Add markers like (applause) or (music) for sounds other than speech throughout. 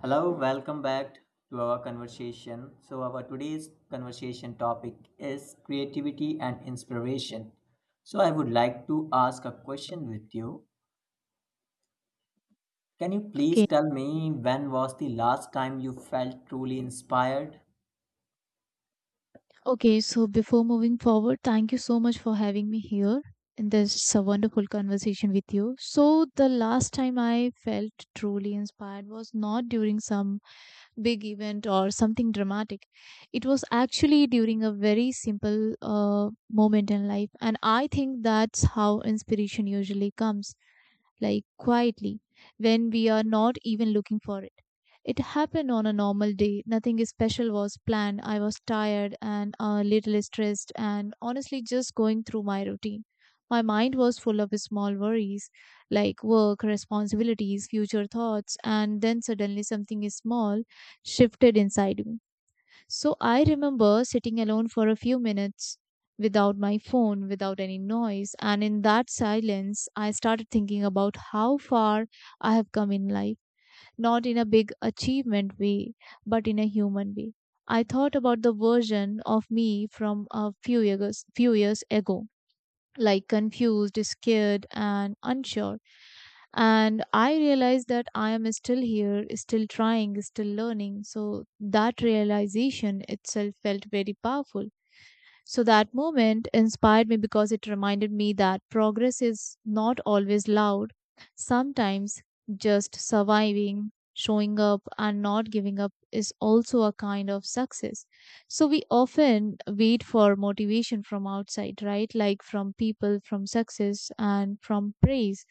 Hello, welcome back to our conversation. So, our today's conversation topic is creativity and inspiration. So, I would like to ask a question with you. Can you please Okay, tell me when was the last time you felt truly inspired? okay. So before moving forward, thank you so much for having me here in this wonderful conversation with you. So the last time I felt truly inspired was not during some big event or something dramatic. It was actually during a very simple moment in life, and I think that's how inspiration usually comes, like quietly, when we are not even looking for it. It happened on a normal day. Nothing special was planned. I was tired and a little stressed, and honestly, just going through my routine. My mind was full of small worries like work, responsibilities, future thoughts, and then suddenly something small shifted inside me. So I remember sitting alone for a few minutes without my phone, without any noise, and in that silence, I started thinking about how far I have come in life, not in a big achievement way, but in a human way. I thought about the version of me from few years ago, like confused, scared, and unsure. And I realized that I am still here, still trying, still learning. So that realization itself felt very powerful. So that moment inspired me because it reminded me that progress is not always loud. Sometimes just surviving, showing up, and not giving up is also a kind of success. So we often wait for motivation from outside, right? Like from people, from success, and from praise.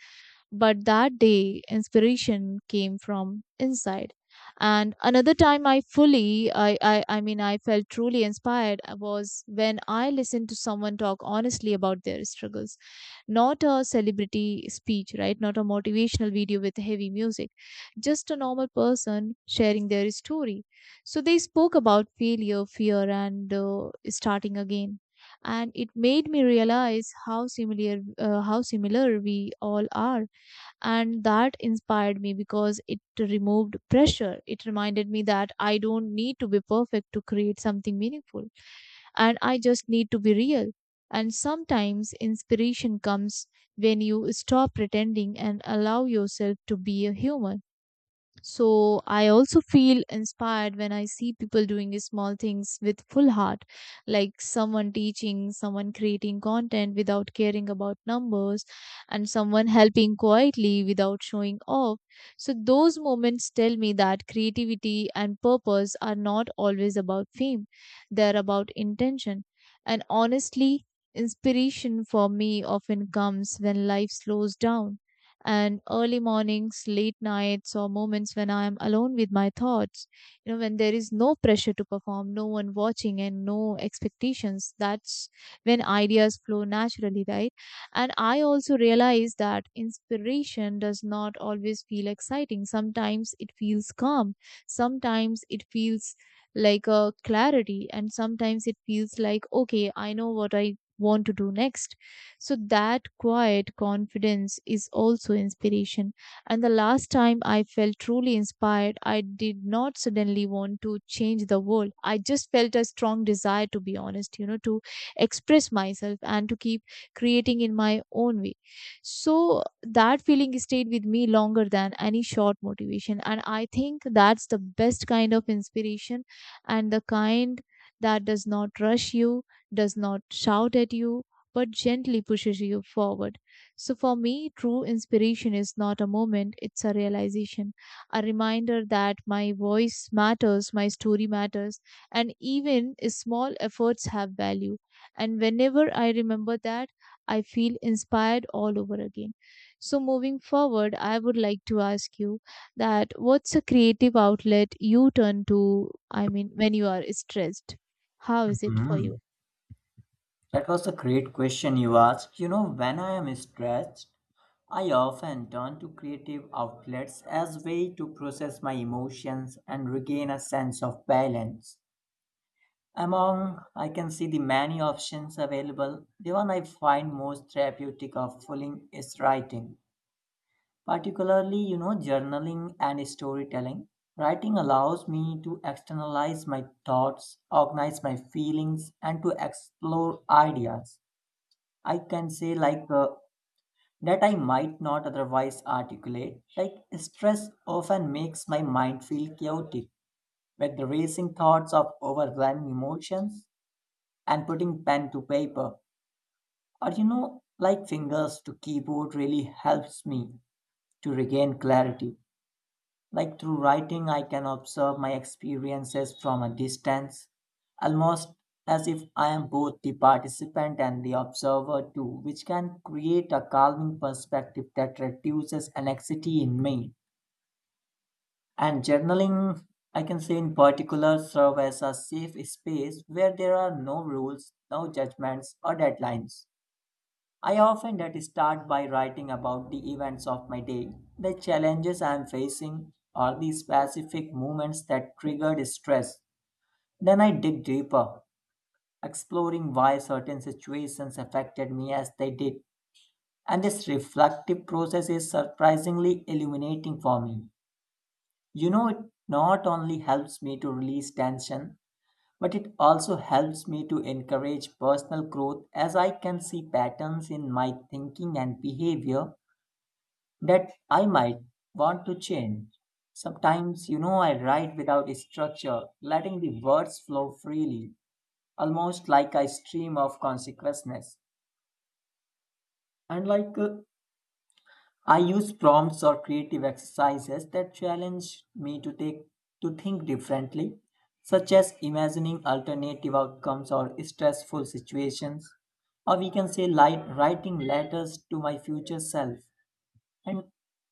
But that day, inspiration came from inside. And another time I fully I mean I felt truly inspired was when I listened to someone talk honestly about their struggles, not a celebrity speech, right? Not a motivational video with heavy music, just a normal person sharing their story. So they spoke about failure, fear, and starting again. And it made me realize how similar we all are. And that inspired me because it removed pressure. It reminded me that I don't need to be perfect to create something meaningful, and I just need to be real. And sometimes inspiration comes when you stop pretending and allow yourself to be a human. So I also feel inspired when I see people doing small things with full heart, like someone teaching, someone creating content without caring about numbers, and someone helping quietly without showing off. So those moments tell me that creativity and purpose are not always about fame, they're about intention. And honestly, inspiration for me often comes when life slows down, and early mornings, late nights, or moments when I am alone with my thoughts. You know, when there is no pressure to perform, no one watching, and no expectations, that's when ideas flow naturally, right? And I also realize that inspiration does not always feel exciting. Sometimes it feels calm, sometimes it feels like a clarity, and sometimes it feels like, okay, I know what I want to do next. So that quiet confidence is also inspiration. And the last time I felt truly inspired, I did not suddenly want to change the world. I just felt a strong desire to be honest, you know, to express myself and to keep creating in my own way. So that feeling stayed with me longer than any short motivation. And I think that's the best kind of inspiration, and the kind that does not rush you, does not shout at you, but gently pushes you forward. So for me, true inspiration is not a moment, it's a realization, a reminder that my voice matters, my story matters, and even small efforts have value. And whenever I remember that, I feel inspired all over again. So moving forward, I would like to ask you, that what's a creative outlet you turn to, I mean, when you are stressed? How is it for you? Mhm. That was a great question you asked. You know, when I am stressed, I often turn to creative outlets as way to process my emotions and regain a sense of balance. Among, I can see the many options available, the one I find most therapeutic of fulfilling is writing, particularly, you know, journaling and storytelling. Writing allows me to externalize my thoughts, organize my feelings, and to explore ideas. I can say, that I might not otherwise articulate. Like, stress often makes my mind feel chaotic with the racing thoughts of overwhelming emotions, and putting pen to paper, or you know, like fingers to keyboard really helps me to regain clarity. Like through writing, I can observe my experiences from a distance, almost as if I am both the participant and the observer too, which can create a calming perspective that reduces anxiety in me. And journaling, I can say in particular, serve as a safe space where there are no rules, no judgments or deadlines. I often that start by writing about the events of my day, the challenges I am facing, or the specific moments that triggered stress. Then I dig deeper, exploring why certain situations affected me as they did. And this reflective process is surprisingly illuminating for me. You know, it not only helps me to release tension, but it also helps me to encourage personal growth as I can see patterns in my thinking and behavior that I might want to change. Sometimes, you know, I write without a structure, letting the words flow freely, almost like a stream of consciousness. And I use prompts or creative exercises that challenge me to take to think differently, such as imagining alternative outcomes or stressful situations, or we can say like writing letters to my future self. And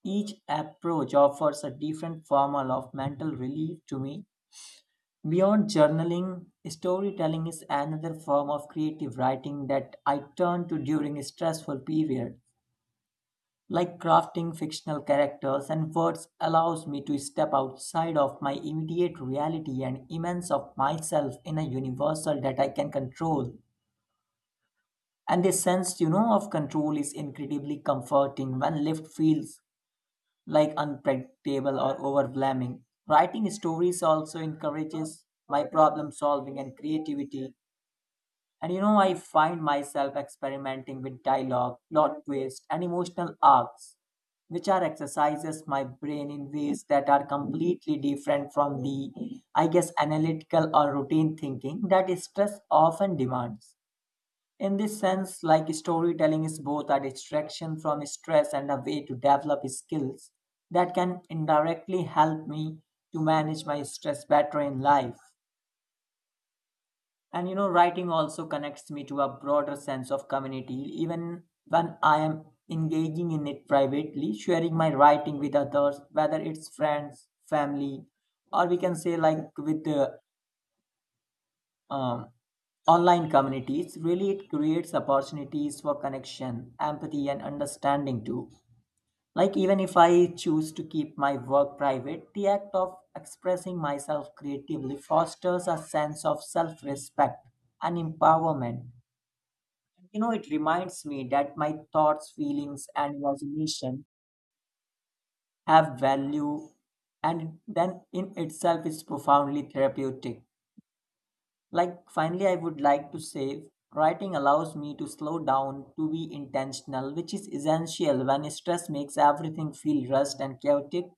each approach offers a different formal of mental relief to me. Beyond journaling, storytelling is another form of creative writing that I turn to during a stressful period. Like crafting fictional characters and words allows me to step outside of my immediate reality and immense of myself in a universal that I can control. And this sense, you know, of control is incredibly comforting when life feels like unpredictable or overwhelming. Writing stories also encourages my problem solving and creativity. And you know, I find myself experimenting with dialogue, plot twists, and emotional arcs, which are exercises my brain in ways that are completely different from the, I guess, analytical or routine thinking that stress often demands. In this sense, like storytelling is both a distraction from stress and a way to develop skills that can indirectly help me to manage my stress better in life. And you know, writing also connects me to a broader sense of community, even when I am engaging in it privately, sharing my writing with others, whether it's friends, family, or we can say like with um, online communities. Really, it creates opportunities for connection, empathy and understanding too. Like even if I choose to keep my work private, the act of expressing myself creatively fosters a sense of self-respect and empowerment. You know, it reminds me that my thoughts, feelings and imagination have value, and then in itself is profoundly therapeutic. Like, finally, I would like to say writing allows me to slow down, to be intentional, which is essential when stress makes everything feel rushed and chaotic.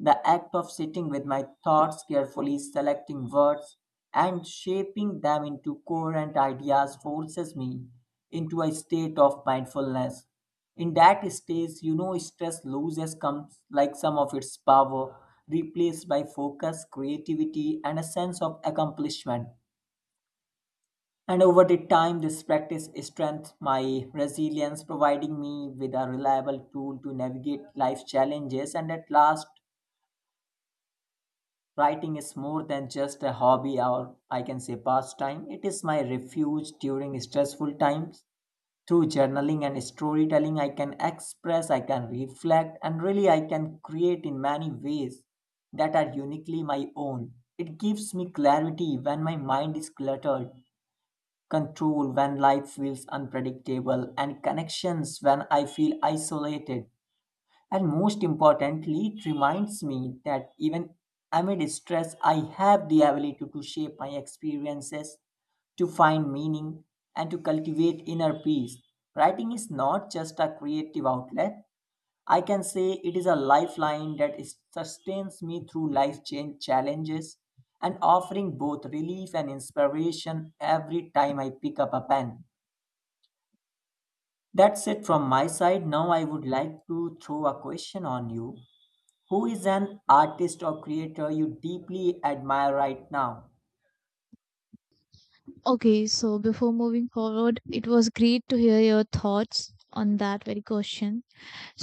The act of sitting with my thoughts carefully, selecting words, and shaping them into coherent ideas forces me into a state of mindfulness. In that stage, you know, stress loses comes like some of its power, replaced by focus, creativity, and a sense of accomplishment. And over the time, this practice strengthened my resilience, providing me with a reliable tool to navigate life challenges. And at last, writing is more than just a hobby or I can say pastime. It is my refuge during stressful times. Through journaling and storytelling, I can express, I can reflect, and really I can create in many ways that are uniquely my own. It gives me clarity when my mind is cluttered, control when life feels unpredictable, and connections when I feel isolated. And most importantly, it reminds me that even amid stress, I have the ability to shape my experiences, to find meaning, and to cultivate inner peace. Writing is not just a creative outlet, I can say it is a lifeline that is- sustains me through life change challenges and offering both relief and inspiration every time I pick up a pen. That's it from my side. Now I would like to throw a question on you. Who is an artist or creator you deeply admire right now? Okay, so before moving forward, it was great to hear your thoughts on that very question.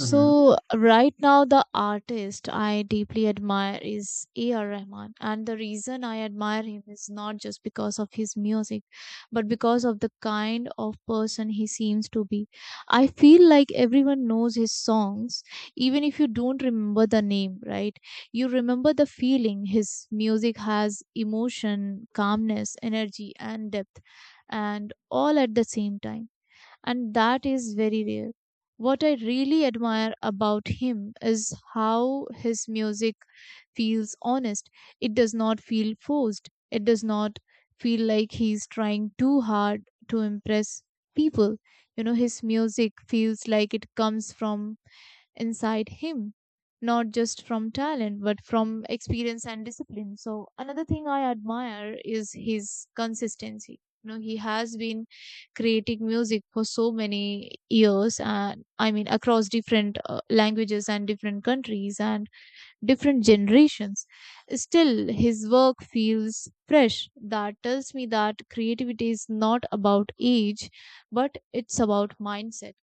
Mm-hmm. right now the artist I deeply admire is A.R. Rahman, and the reason I admire him is not just because of his music but because of the kind of person he seems to be. I feel like everyone knows his songs even if you don't remember the name, right? You remember the feeling. His music has emotion, calmness, energy and depth, and all at the same time, and that is very rare. What I really admire about him is how his music feels honest. It does not feel forced. It does not feel like he's trying too hard to impress people. You know, his music feels like it comes from inside him, not just from talent but from experience and discipline. So another thing I admire is his consistency. You know, he has been creating music for so many years, and I mean across different languages and different countries and different generations. Still, his work feels fresh. That tells me that creativity is not about age, but it's about mindset.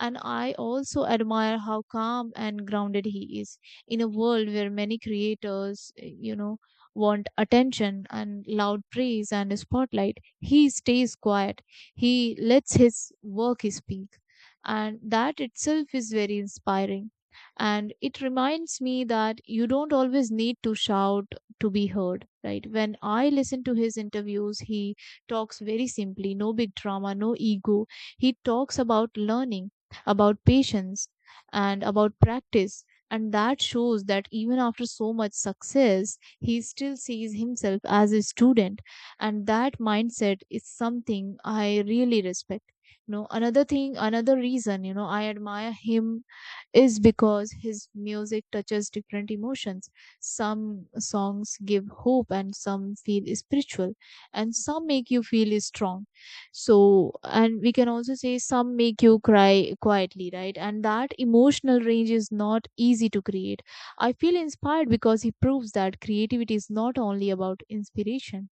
And I also admire how calm and grounded he is in a world where many creators, you know, want attention and loud praise and a spotlight. He stays quiet. He lets his work speak. And that itself is very inspiring, and it reminds me that you don't always need to shout to be heard, right? When I listen to his interviews, he talks very simply, no big drama, no ego. He talks about learning, about patience, and about practice. And that shows that even after so much success he still sees himself as a student, and that mindset is something I really respect. You know, another reason, you know, I admire him is because his music touches different emotions. Some songs give hope and some feel spiritual and some make you feel strong. So, and we can also say some make you cry quietly, right? And that emotional range is not easy to create. I feel inspired because he proves that creativity is not only about inspiration,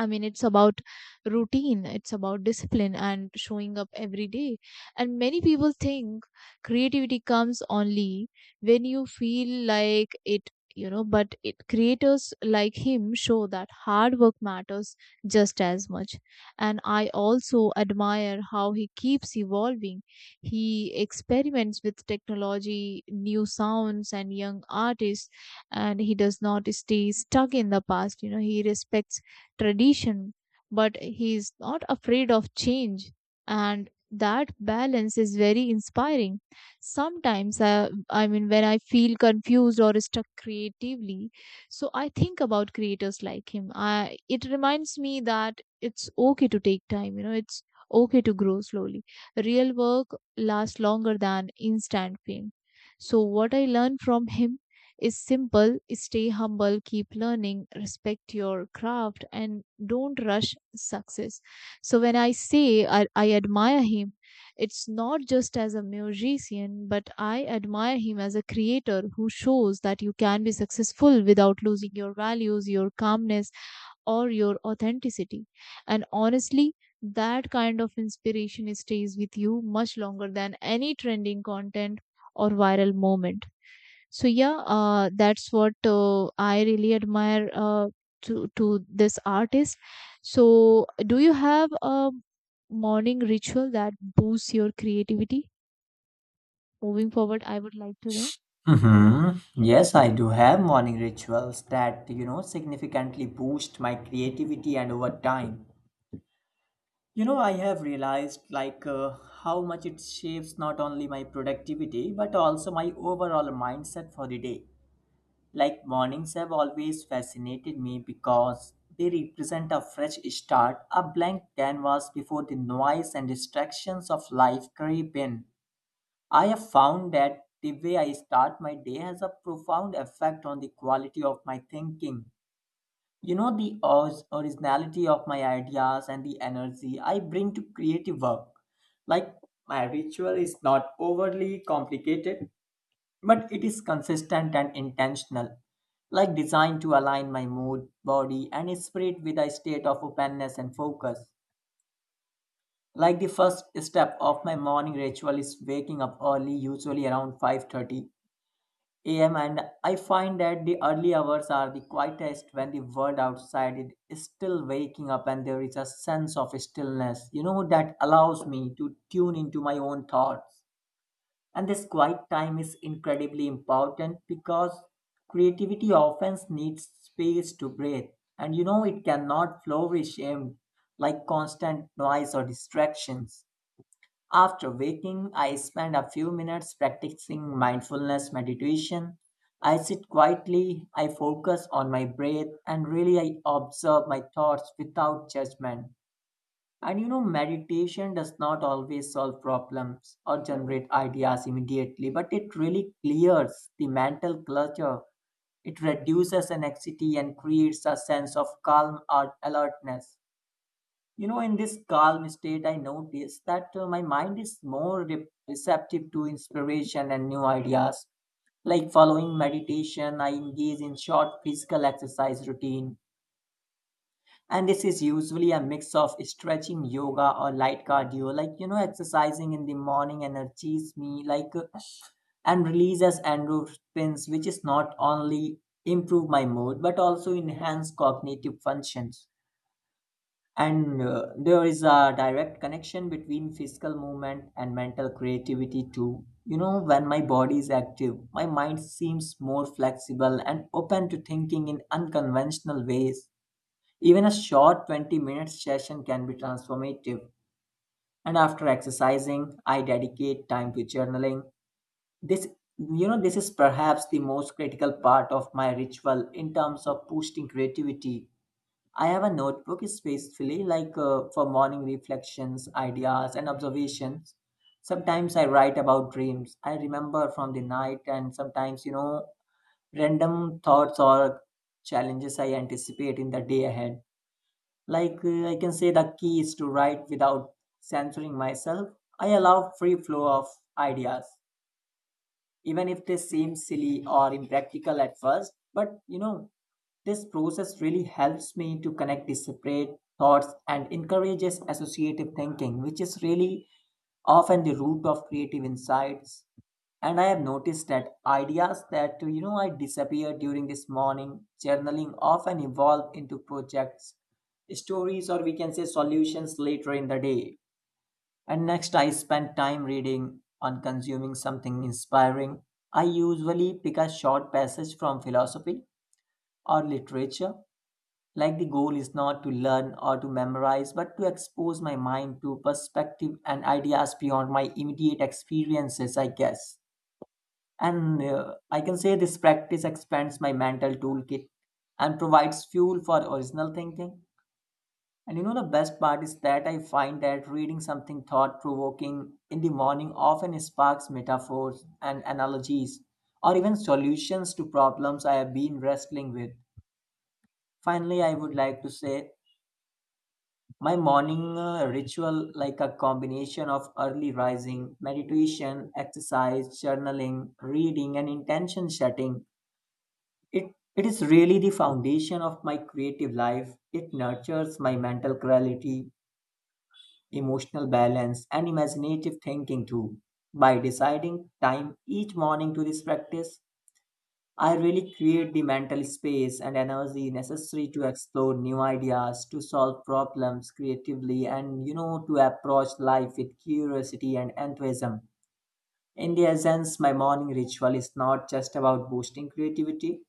I mean, it's about routine, it's about discipline and showing up every day. And many people think creativity comes only when you feel like it, you know, but it creators like him show that hard work matters just as much. And I also admire how he keeps evolving. He experiments with technology, new sounds, and young artists, and he does not stay stuck in the past. You know, he respects tradition, but he is not afraid of change. And that balance is very inspiring. Sometimes, when I feel confused or stuck creatively, so I think about creators like him. It reminds me that it's okay to take time, you know, it's okay to grow slowly. Real work lasts longer than instant fame. So, what I learned from him is simple: stay humble, keep learning, respect your craft, and don't rush success. So, when I admire him, it's not just as a musician, but I admire him as a creator who shows that you can be successful without losing your values, your calmness, or your authenticity. And honestly, that kind of inspiration stays with you much longer than any trending content or viral moment. So yeah, that's what I really admire to this artist. So do you have a morning ritual that boosts your creativity? Moving forward, I would like to know. Mm-hmm. Yes, I do have morning rituals that, you know, significantly boost my creativity and over time. You know, I have realized how much it shapes not only my productivity but also my overall mindset for the day. Like mornings have always fascinated me because they represent a fresh start, a blank canvas before the noise and distractions of life creep in. I have found that the way I start my day has a profound effect on the quality of my thinking, you know, the ors- originality of my ideas and the energy I bring to creative work. Like my ritual is not overly complicated, but it is consistent and intentional. Like designed to align my mood, body, and spirit with a state of openness and focus. Like the first step of my morning ritual is waking up early, usually around 5:30 am, and I find that the early hours are the quietest when the world outside is still waking up and there is a sense of stillness, you know, that allows me to tune into my own thoughts. And this quiet time is incredibly important because creativity often needs space to breathe. And you know, it cannot flourish in like constant noise or distractions. After waking, I spend a few minutes practicing mindfulness meditation. I sit quietly, I focus on my breath, and really I observe my thoughts without judgment. And you know, meditation does not always solve problems or generate ideas immediately, but it really clears the mental clutter. It reduces anxiety and creates a sense of calm or alertness. You know, in this calm state, I notice that my mind is more re- receptive to inspiration and new ideas. Like following meditation, I engage in short physical exercise routine. And this is usually a mix of stretching, yoga, or light cardio. Like, you know, exercising in the morning energizes me, and releases endorphins, which is not only improve my mood, but also enhance cognitive functions. And there is a direct connection between physical movement and mental creativity too. You know, when my body is active, my mind seems more flexible and open to thinking in unconventional ways. Even a short 20-minute session can be transformative. And after exercising, I dedicate time to journaling. This this is perhaps the most critical part of my ritual in terms of boosting creativity. I have a notebook specifically for morning reflections, ideas, and observations. Sometimes I write about dreams I remember from the night, and sometimes, you know, random thoughts or challenges I anticipate in the day ahead. I can say the key is to write without censoring myself. I allow free flow of ideas even if they seem silly or impractical at first. But you know, this process really helps me to connect disparate thoughts and encourages associative thinking, which is really often the root of creative insights. And I have noticed that ideas that you know I disappear during this morning journaling often evolve into projects, stories, or we can say solutions later in the day. And next, I spend time reading on consuming something inspiring. I usually pick a short passage from philosophy or literature. Like the goal is not to learn or to memorize, but to expose my mind to perspective and ideas beyond my immediate experiences, I guess. And I can say this practice expands my mental toolkit and provides fuel for original thinking. And you know, the best part is that I find that reading something thought provoking in the morning often sparks metaphors and analogies, or even solutions to problems I have been wrestling with. Finally, I would like to say my morning ritual, like a combination of early rising, meditation, exercise, journaling, reading, and intention setting, it, it is really the foundation of my creative life. It nurtures my mental clarity, emotional balance, and imaginative thinking too. By deciding time each morning to this practice, I really create the mental space and energy necessary to explore new ideas, to solve problems creatively, and to approach life with curiosity and enthusiasm. In the essence, my morning ritual is not just about boosting creativity,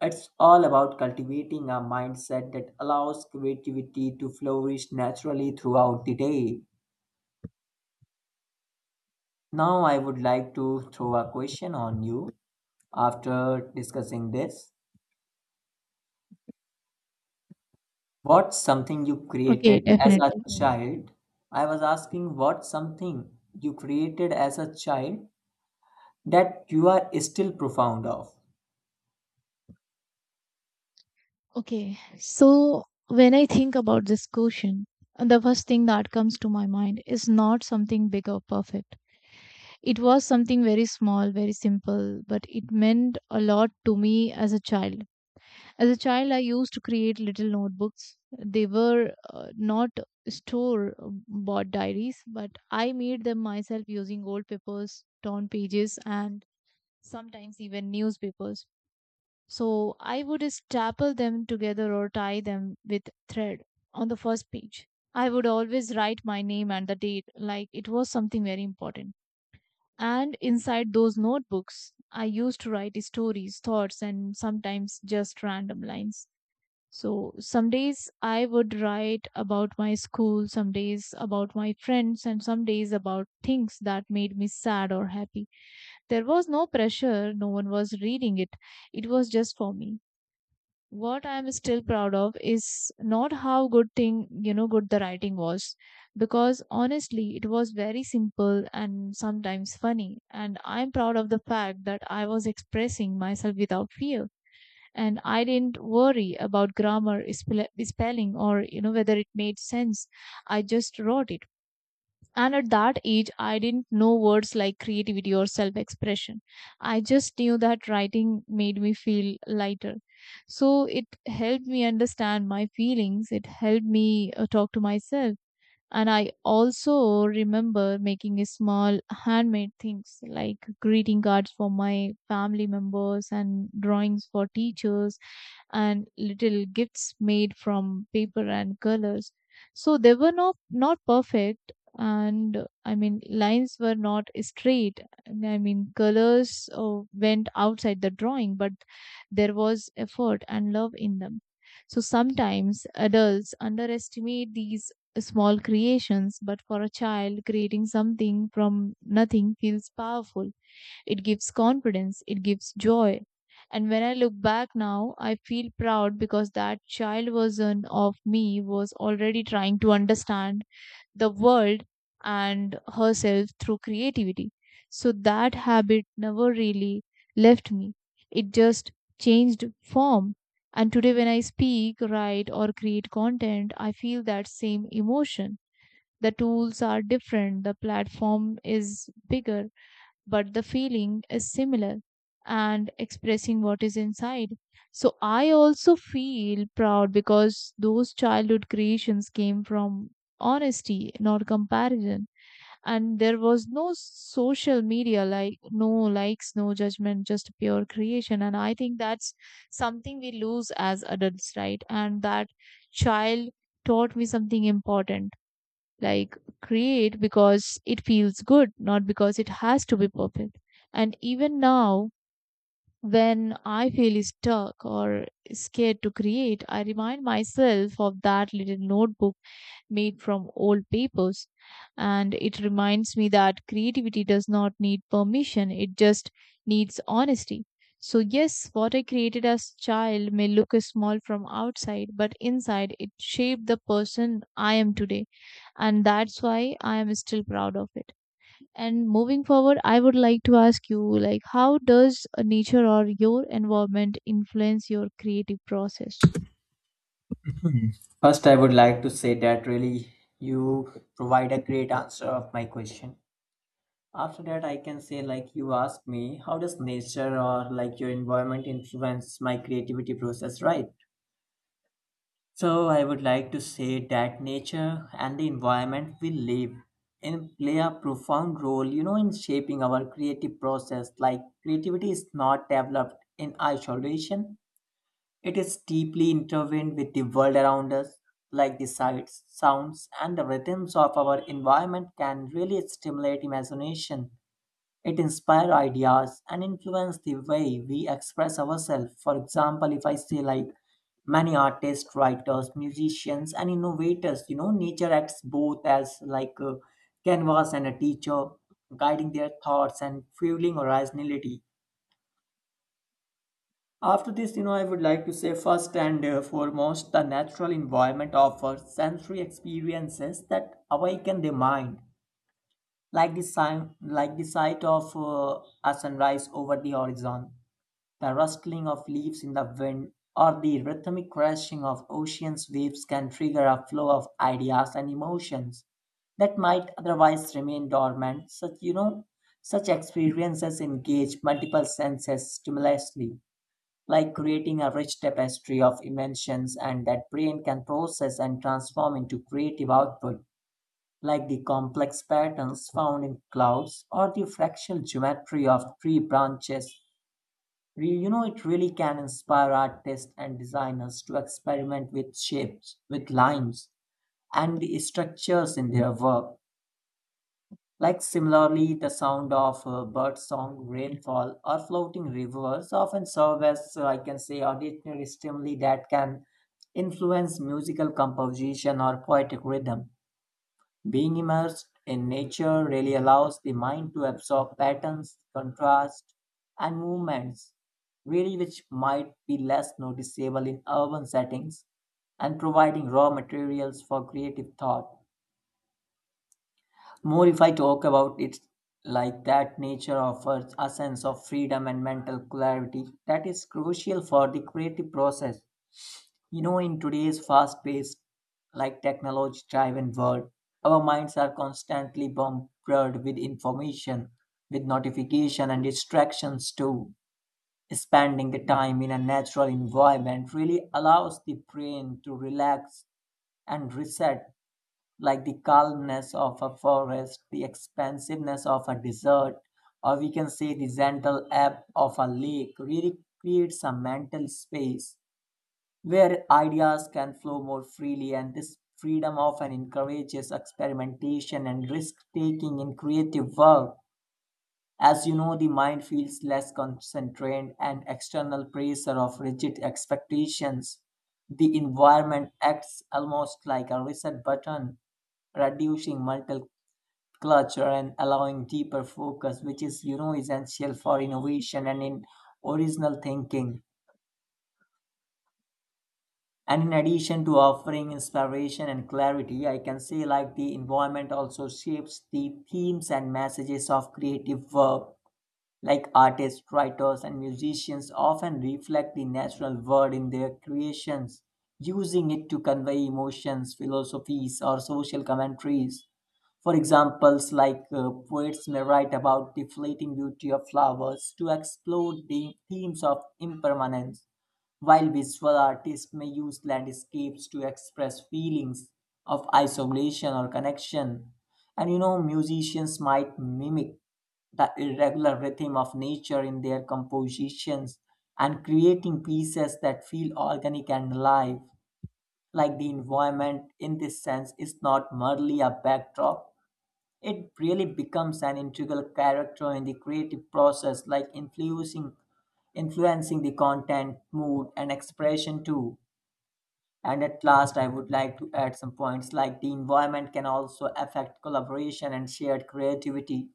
it's all about cultivating a mindset that allows creativity to flourish naturally throughout the day. Now, I would like to throw a question on you after discussing this. What's something you Okay, created as definitely. a child? I was asking what's something you created as a child that you are still profound of? Okay, so when I think about this question, the first thing that comes to my mind is not something big or perfect. It was something very small, very simple, but it meant a lot to me as a child. As a child, I used to create little notebooks. They were not store bought diaries, but I made them myself using old papers, torn pages, and sometimes even newspapers. So I would staple them together or tie them with thread. On the first page, I would always write my name and the date like it was something very important. And inside those notebooks, I used to write stories, thoughts, and sometimes just random lines. So some days I would write about my school, some days about my friends, and some days about things that made me sad or happy. There was no pressure, no one was reading it. It was just for me. What I'm still proud of is not how good thing, you know, good the writing was, because honestly, it was very simple and sometimes funny. And I'm proud of the fact that I was expressing myself without fear. And I didn't worry about grammar, spelling, or, you know, whether it made sense. I just wrote it. And at that age, I didn't know words like creativity or self expression. I just knew that writing made me feel lighter. So it helped me understand my feelings, it helped me talk to myself. And I also remember making a small handmade things like greeting cards for my family members and drawings for teachers and little gifts made from paper and colors. So they were not perfect, and I mean, lines were not straight. I mean, colors went outside the drawing, but there was effort and love in them. So sometimes adults underestimate these small creations, but for a child, creating something from nothing feels powerful. It gives confidence, it gives joy. And when I look back now, I feel proud because that child version of me was already trying to understand the world and herself through creativity. So that habit never really left me. It just changed form. And today, when I speak, write, or create content, I feel that same emotion. The tools are different, the platform is bigger, but the feeling is similar, and expressing what is inside. So I also feel proud because those childhood creations came from honesty, not comparison. And there was no social media, like no likes, no judgment, just pure creation. And I think that's something we lose as adults, right? And that child taught me something important, like create because it feels good, not because it has to be perfect. And even now, when I feel stuck or scared to create, I remind myself of that little notebook made from old papers. And it reminds me that creativity does not need permission, it just needs honesty. So, yes, what I created as child may look small from outside, but inside it shaped the person I am today. And that's why I am still proud of it. And moving forward, I would like to ask you, like, how does nature or your environment influence your creative process? (laughs) Hmm. First, I would like to say that really you provide a great answer of my question. After that, I can say, like, you asked me, how does nature or like your environment influence my creativity process, right? So, I would like to say that nature and the environment we live in play a profound role, in shaping our creative process. Like, creativity is not developed in isolation, it is deeply intertwined with the world around us. Like, the sights, sounds, and the rhythms of our environment can really stimulate imagination it inspires ideas and influences the way we express ourselves. For example, if I say like many artists, writers, musicians, and innovators, nature acts both as like a canvas and a teacher, guiding their thoughts and fueling originality. After this, I would like to say first and foremost, the natural environment offers sensory experiences that awaken the mind, like the sight of a sunrise over the horizon, the rustling of leaves in the wind or the rhythmic crashing of ocean's waves can trigger a flow of ideas and emotions that might otherwise remain dormant. Such experiences engage multiple senses stimulously, like creating a rich tapestry of emotions and that brain can process and transform into creative output, like the complex patterns found in clouds or the fractal geometry of tree branches. It really can inspire artists and designers to experiment with shapes, with lines, and the structures in their work. Like similarly, the sound of bird song, rainfall, or floating rivers often serve as, I can say, auditory stimuli that can influence musical composition or poetic rhythm. Being immersed in nature really allows the mind to absorb patterns, contrasts, and movements, really which might be less noticeable in urban settings and providing raw materials for creative thought. More if I talk about it like that, nature offers a sense of freedom and mental clarity that is crucial for the creative process. You know, in today's fast paced, like technology driven world, our minds are constantly bombarded with information, with notification and distractions too. Spending the time in a natural environment really allows the brain to relax and reset, like the calmness of a forest, the expansiveness of a desert, or we can say the gentle ebb of a lake really creates a mental space where ideas can flow more freely, and this freedom often encourages experimentation and risk taking in creative work. As you know, the mind feels less constrained and external pressure of rigid expectations. The environment acts almost like a reset button, reducing mental clutter and allowing deeper focus, which is you know essential for innovation and in original thinking. And in addition to offering inspiration and clarity I can say like the environment also shapes the themes and messages of creative work, like artists writers and musicians often reflect the natural world in their creations, using it to convey emotions philosophies or social commentaries. For examples like poets may write about the fleeting beauty of flowers to explore the themes of impermanence, while visual artists may use landscapes to express feelings of isolation or connection, and musicians might mimic the irregular rhythm of nature in their compositions and creating pieces that feel organic and alive. Like the environment in this sense is not merely a backdrop, it really becomes an integral character in the creative process, like influencing the content, mood, and expression too. And at last, I would like to add some points like the environment can also affect collaboration and shared creativity.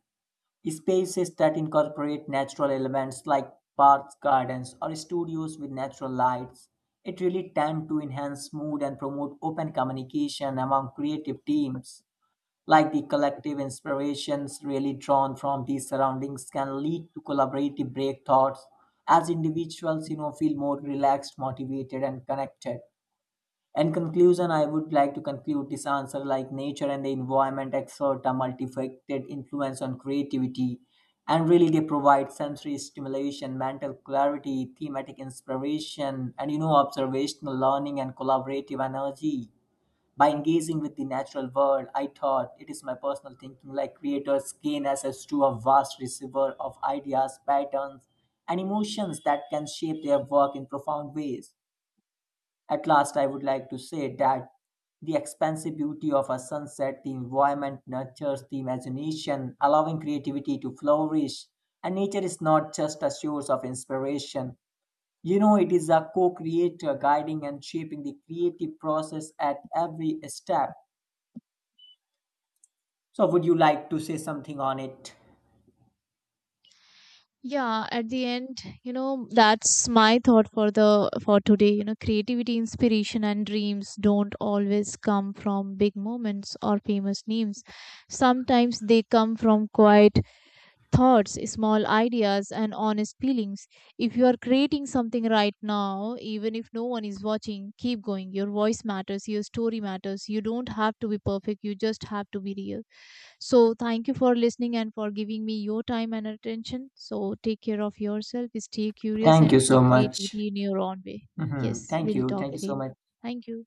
Spaces that incorporate natural elements like parks, gardens, or studios with natural lights. It really tend to enhance mood and promote open communication among creative teams, like the collective inspirations really drawn from these surroundings can lead to collaborative breakthroughs as individuals you know feel more relaxed motivated and connected. In conclusion I would like to conclude this answer like nature and the environment exert a multifaceted influence on creativity and really they provide sensory stimulation mental clarity thematic inspiration and observational learning and collaborative energy. By engaging with the natural world, I thought it is my personal thinking like creators gain access to a vast receiver of ideas, patterns, and emotions that can shape their work in profound ways. At last, I would like to say that the expansive beauty of a sunset, the environment nurtures the imagination, allowing creativity to flourish. And nature is not just a source of inspiration. You know, it is a co creator guiding and shaping the creative process at every step. So, would you like to say something on it? Yeah, at the end, you know, that's my thought for today. You know, creativity, inspiration and dreams don't always come from big moments or famous names. Sometimes they come from quiet thoughts, small ideas and honest feelings. If you are creating something right now, even if no one is watching, keep going. Your voice matters, your story matters. You don't have to be perfect, you just have to be real. So, thank you for listening and for giving me your time and attention. So, take care of yourself, stay curious, Thank you and so keep much. creativity in your own way. Hmm. Yes, Thank we'll you. talk Thank you so again. much. Thank you.